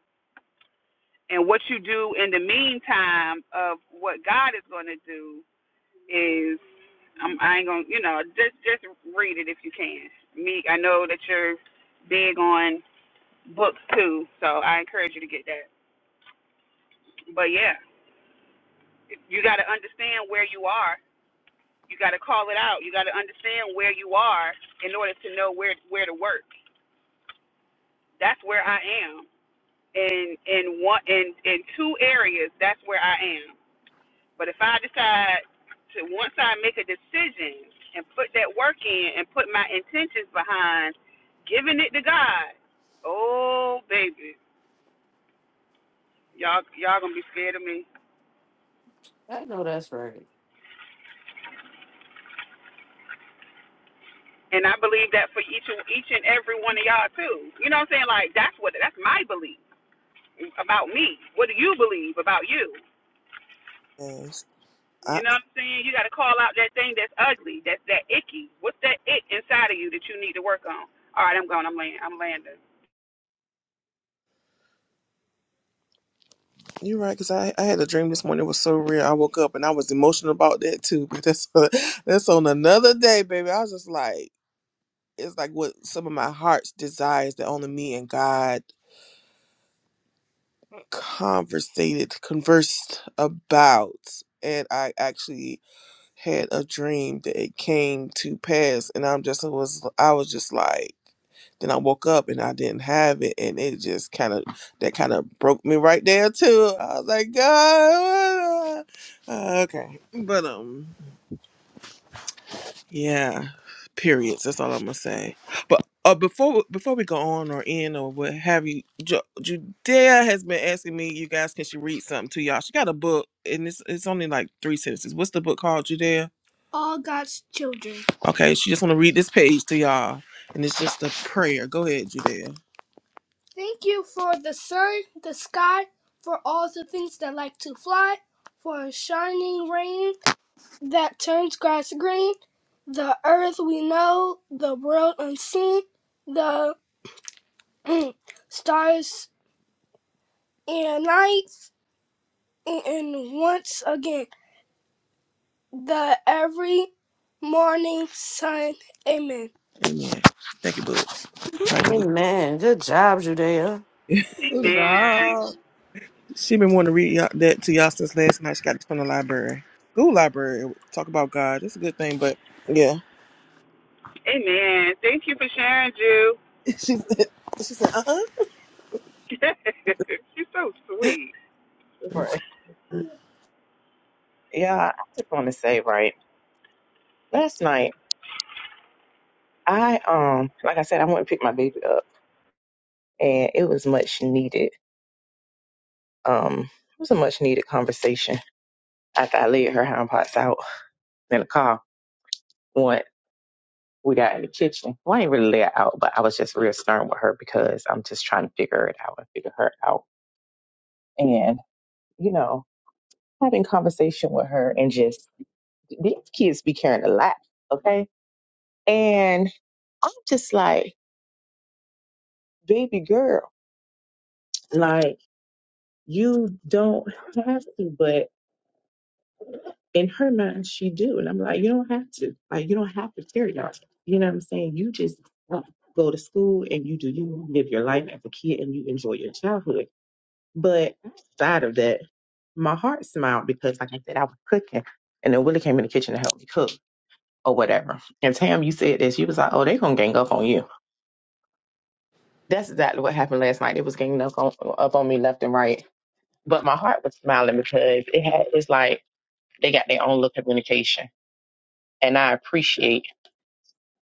Speaker 2: And what you do in the meantime of what God is going to do is, um, I ain't gonna, you know, just just read it if you can. Me, I know that you're big on books too, so I encourage you to get that. But yeah, you got to understand where you are You got to call it out. You got to understand where you are in order to know where where to work. That's where I am. In in one in in two areas, that's where I am. But if I decide to once I make a decision and put that work in and put my intentions behind giving it to God, oh baby, y'all y'all gonna be scared of me.
Speaker 5: I know that's right.
Speaker 2: And I believe that for each each and every one of y'all too. You know what I'm saying? Like that's what that's my belief about me. What do you believe about you?
Speaker 1: man. Yes.
Speaker 2: You know what I'm saying? You got to call out that thing that's ugly, that's that icky. What's that ick inside of you that you need to work on? All right, I'm going. I'm landing. I'm landing.
Speaker 1: You're right, because I, I had a dream this morning. It was so real. I woke up and I was emotional about that too. But that's that's on another day, baby. I was just like, it's like what some of my heart's desires that only me and God conversated, conversed about. And I actually had a dream that it came to pass. And I'm just was I was just like Then I woke up and I didn't have it, and it just kind of that kind of broke me right there too. I was like, God, uh, okay, but um, yeah, periods. That's all I'm gonna say. But uh, before before we go on or in or what have you, Ju- Judea has been asking me, you guys, can she read something to y'all? She got a book, and it's it's only like three sentences. What's the book called, Judea? All God's Children. Okay, she just want to read this page to y'all, and it's just a prayer. Go ahead, Judea. Thank you for the sun, the sky, for all the things that like to fly, for shining rain that turns grass green, the earth we know, the world unseen, the stars and nights, and once again, the every morning sun. Amen. Amen. Thank you, boo.
Speaker 5: Amen. Good job, Judea.
Speaker 6: What's
Speaker 2: Amen.
Speaker 6: up?
Speaker 1: She been wanting to read y'all, that to y'all since last night. She got this from the library, school library. Talk about God. It's a good thing, but yeah,
Speaker 2: Amen. Thank you for sharing, Jew.
Speaker 1: she said. She said, "Uh
Speaker 2: You're so sweet.
Speaker 4: Right.
Speaker 1: huh."
Speaker 4: Yeah, I just want to say, right, last night, I, um, like I said, I went and picked my baby up and it was much needed. Um, it was a much needed conversation after I laid her hind parts out in the car. One, we got in the kitchen. Well, I ain't really let her out, but I was just real stern with her because I'm just trying to figure it out and figure her out. And, you know, having conversation with her and just these kids be carrying a lot, okay? And I'm just like, baby girl, like you don't have to, but in her mind she do. And I'm like, you don't have to. Like you don't have to carry y'all. You know what I'm saying? You just uh, go to school and you do you live your life as a kid and you enjoy your childhood But outside of that, my heart smiled because, like I said, I was cooking, and then Willie came in the kitchen to help me cook or whatever. And Tam, you said this. You was like, "Oh, they gonna gang up on you." That's exactly what happened last night. It was ganging up on up on me left and right. But my heart was smiling because it had it's like they got their own little communication, and I appreciate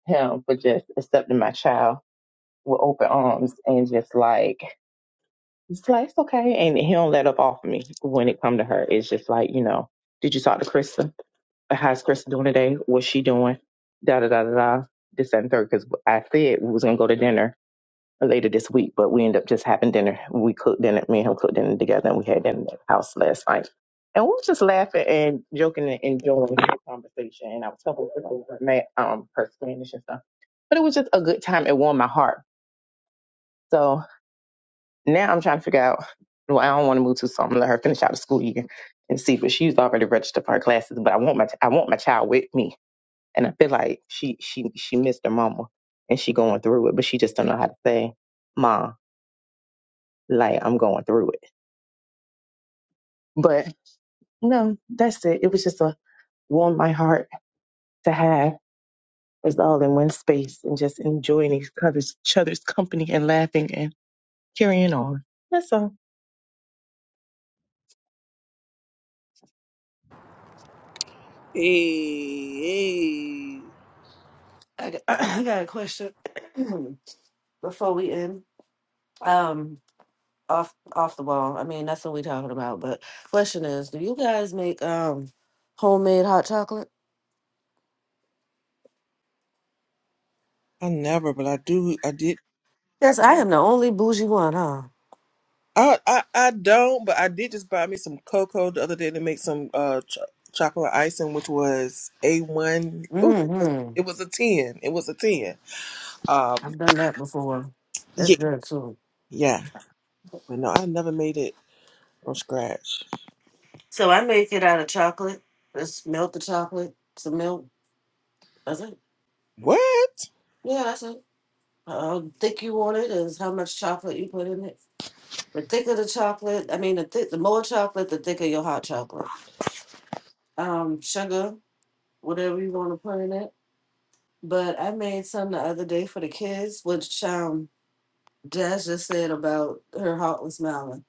Speaker 4: him for just accepting my child with open arms and just like it's like it's okay, and he don't let up off me when it come to her. It's just like you know, did you talk to Krista? how's Chris doing today? What's she doing? Da da da da da. This that, and third, because I said we was gonna go to dinner later this week, but we ended up just having dinner. We cooked dinner. Me and him cooked dinner together, and we had dinner at the house last night. And we was just laughing and joking and enjoying the conversation. And I was helping her over ma- um her Spanish and stuff, but it was just a good time. It warmed my heart. So now I'm trying to figure out. Well, I don't want to move too soon. I'm gonna let her finish out the school year and see. But she's already registered for her classes. But I want my I want my child with me and I feel like she she she missed her mama and she going through it, but she just don't know how to say, Ma, like I'm going through it. But no, that's it. It was just a warm my heart to have us all in one space and just enjoying each other's, each other's company and laughing and carrying on. That's all.
Speaker 2: Hey, hey.
Speaker 5: I got, I got a question before we end. Um, off off the wall. I mean, that's what we talking about. But question is, do you guys make um homemade hot chocolate?
Speaker 1: I never, but I do. I did.
Speaker 5: Yes, I am the only bougie one, huh?
Speaker 1: I, I I don't, but I did just buy me some cocoa the other day to make some uh ch- chocolate icing, which was a one. Ooh, it was,
Speaker 5: Mm-hmm.
Speaker 1: it was a ten. It was a ten. Um,
Speaker 5: I've done that before.
Speaker 1: yeah,
Speaker 5: It's good too.
Speaker 1: yeah. But no, I never made it from scratch.
Speaker 5: So I make it out of chocolate. Just melt the chocolate, some milk. That's it.
Speaker 1: What?
Speaker 5: Yeah, that's it. How thick you want it is how much chocolate you put in it. The thicker the chocolate, I mean, the thick, the more chocolate, the thicker your hot chocolate. Um, sugar, whatever you want to put in it. But I made some the other day for the kids, which um, Jazz just said about her heartless mama.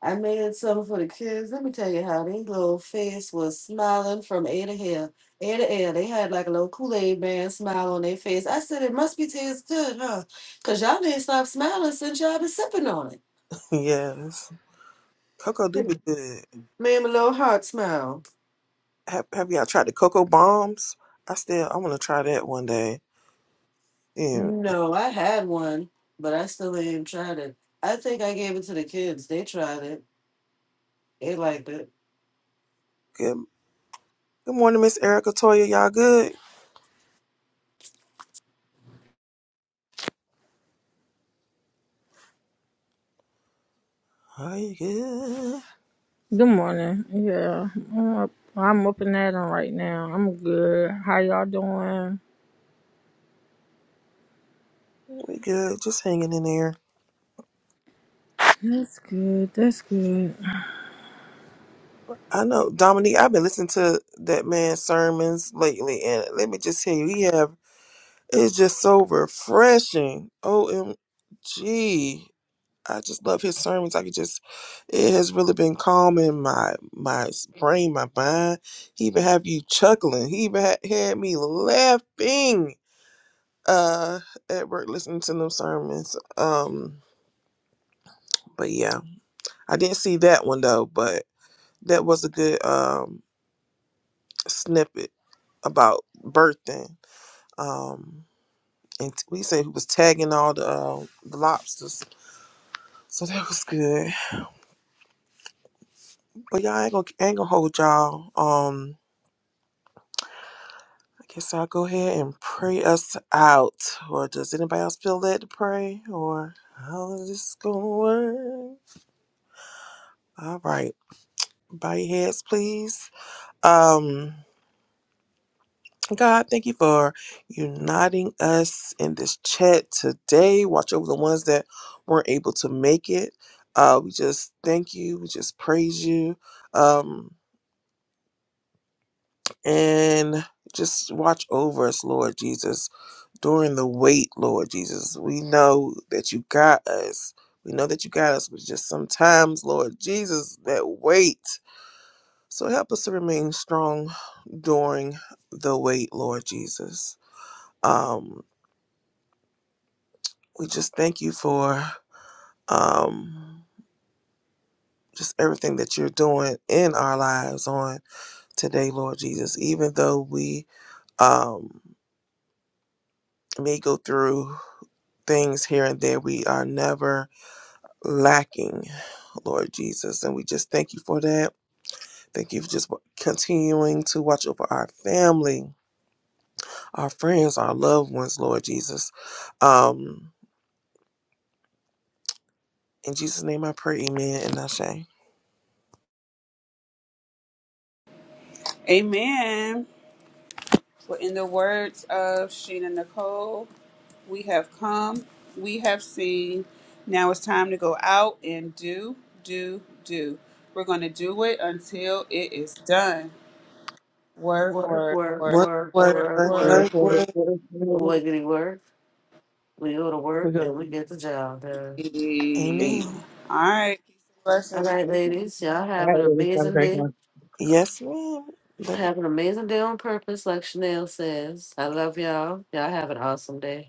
Speaker 5: I made something for the kids. Let me tell you how they little face was smiling from ear to hair, ear to ear. They had like a little Kool Aid man smile on their face. I said it must be taste good, huh? Cause y'all didn't stop smiling since y'all been sipping on it.
Speaker 1: yes, cocoa do be good.
Speaker 5: Made 'em a little heart smile.
Speaker 1: Have, have y'all tried the cocoa bombs? I still I want to try that one day. Yeah.
Speaker 5: No, I had one, but I still ain't tried it. I think I gave it to the kids. They tried it. They liked it.
Speaker 1: Good Good morning, Miss Erica Toya. Y'all good? Are you good?
Speaker 6: Good morning. Yeah, I'm up. I'm up and at 'em right now. I'm good. How y'all doing?
Speaker 1: We good. Just hanging in there.
Speaker 6: That's good. That's good.
Speaker 1: I know Dominique. I've been listening to that man's sermons lately, and let me just tell you, he have it's just so refreshing. Omg. I just love his sermons. I could just, it has really been calming my my s- brain, my mind. He even have you chuckling. He even had, had me laughing uh, at work listening to them sermons. Um, but yeah, I didn't see that one though. But that was a good um snippet about birthing. Um, and t- we said he was tagging all the, uh, the lobsters, so that was good. But y'all I ain't gonna, I ain't gonna hold y'all. Um. Okay, so I'll go ahead and pray us out. Or does anybody else feel led to pray? Or how is this gonna work? All right, bow your heads, please. Um, God, thank you for uniting us in this chat today. Watch over the ones that weren't able to make it. Uh, we just thank you. We just praise you. Um, and just watch over us, Lord Jesus during the wait, Lord Jesus. We know that you got us. We know that you got us, but just sometimes, Lord Jesus, that wait. So help us to remain strong during the wait, Lord Jesus. Um, we just thank you for um, just everything that you're doing in our lives on today, Lord Jesus. Even though we um, may go through things here and there, we are never lacking, Lord Jesus. And we just thank you for that. Thank you for just continuing to watch over our family, our friends, our loved ones, Lord Jesus. Um, in Jesus' name I pray, amen and Ashe.
Speaker 2: Amen. But in the words of Sheena Nicole, we have come, we have seen. Now it's time to go out and do, do, do. We're going to do it until it is done. Word,
Speaker 5: Work,
Speaker 2: word,
Speaker 5: work,
Speaker 2: word,
Speaker 1: Work,
Speaker 5: work,
Speaker 1: work,
Speaker 2: word,
Speaker 5: work,
Speaker 1: work,
Speaker 4: We're
Speaker 2: word.
Speaker 5: work.
Speaker 1: work,
Speaker 4: going
Speaker 1: work.
Speaker 5: Wiggity work. We go to work and
Speaker 4: to
Speaker 5: we get the job done.
Speaker 2: Indeed.
Speaker 4: eat.
Speaker 1: Amen.
Speaker 2: All right. Peace and
Speaker 5: All
Speaker 2: blessings.
Speaker 5: right, ladies, y'all
Speaker 4: All
Speaker 5: have an
Speaker 4: right,
Speaker 5: amazing
Speaker 4: everybody.
Speaker 5: day.
Speaker 1: Yes, ma'am. Love
Speaker 5: Have an amazing day on purpose, like Chanel says. I
Speaker 1: you.
Speaker 5: love y'all. Y'all have an awesome day.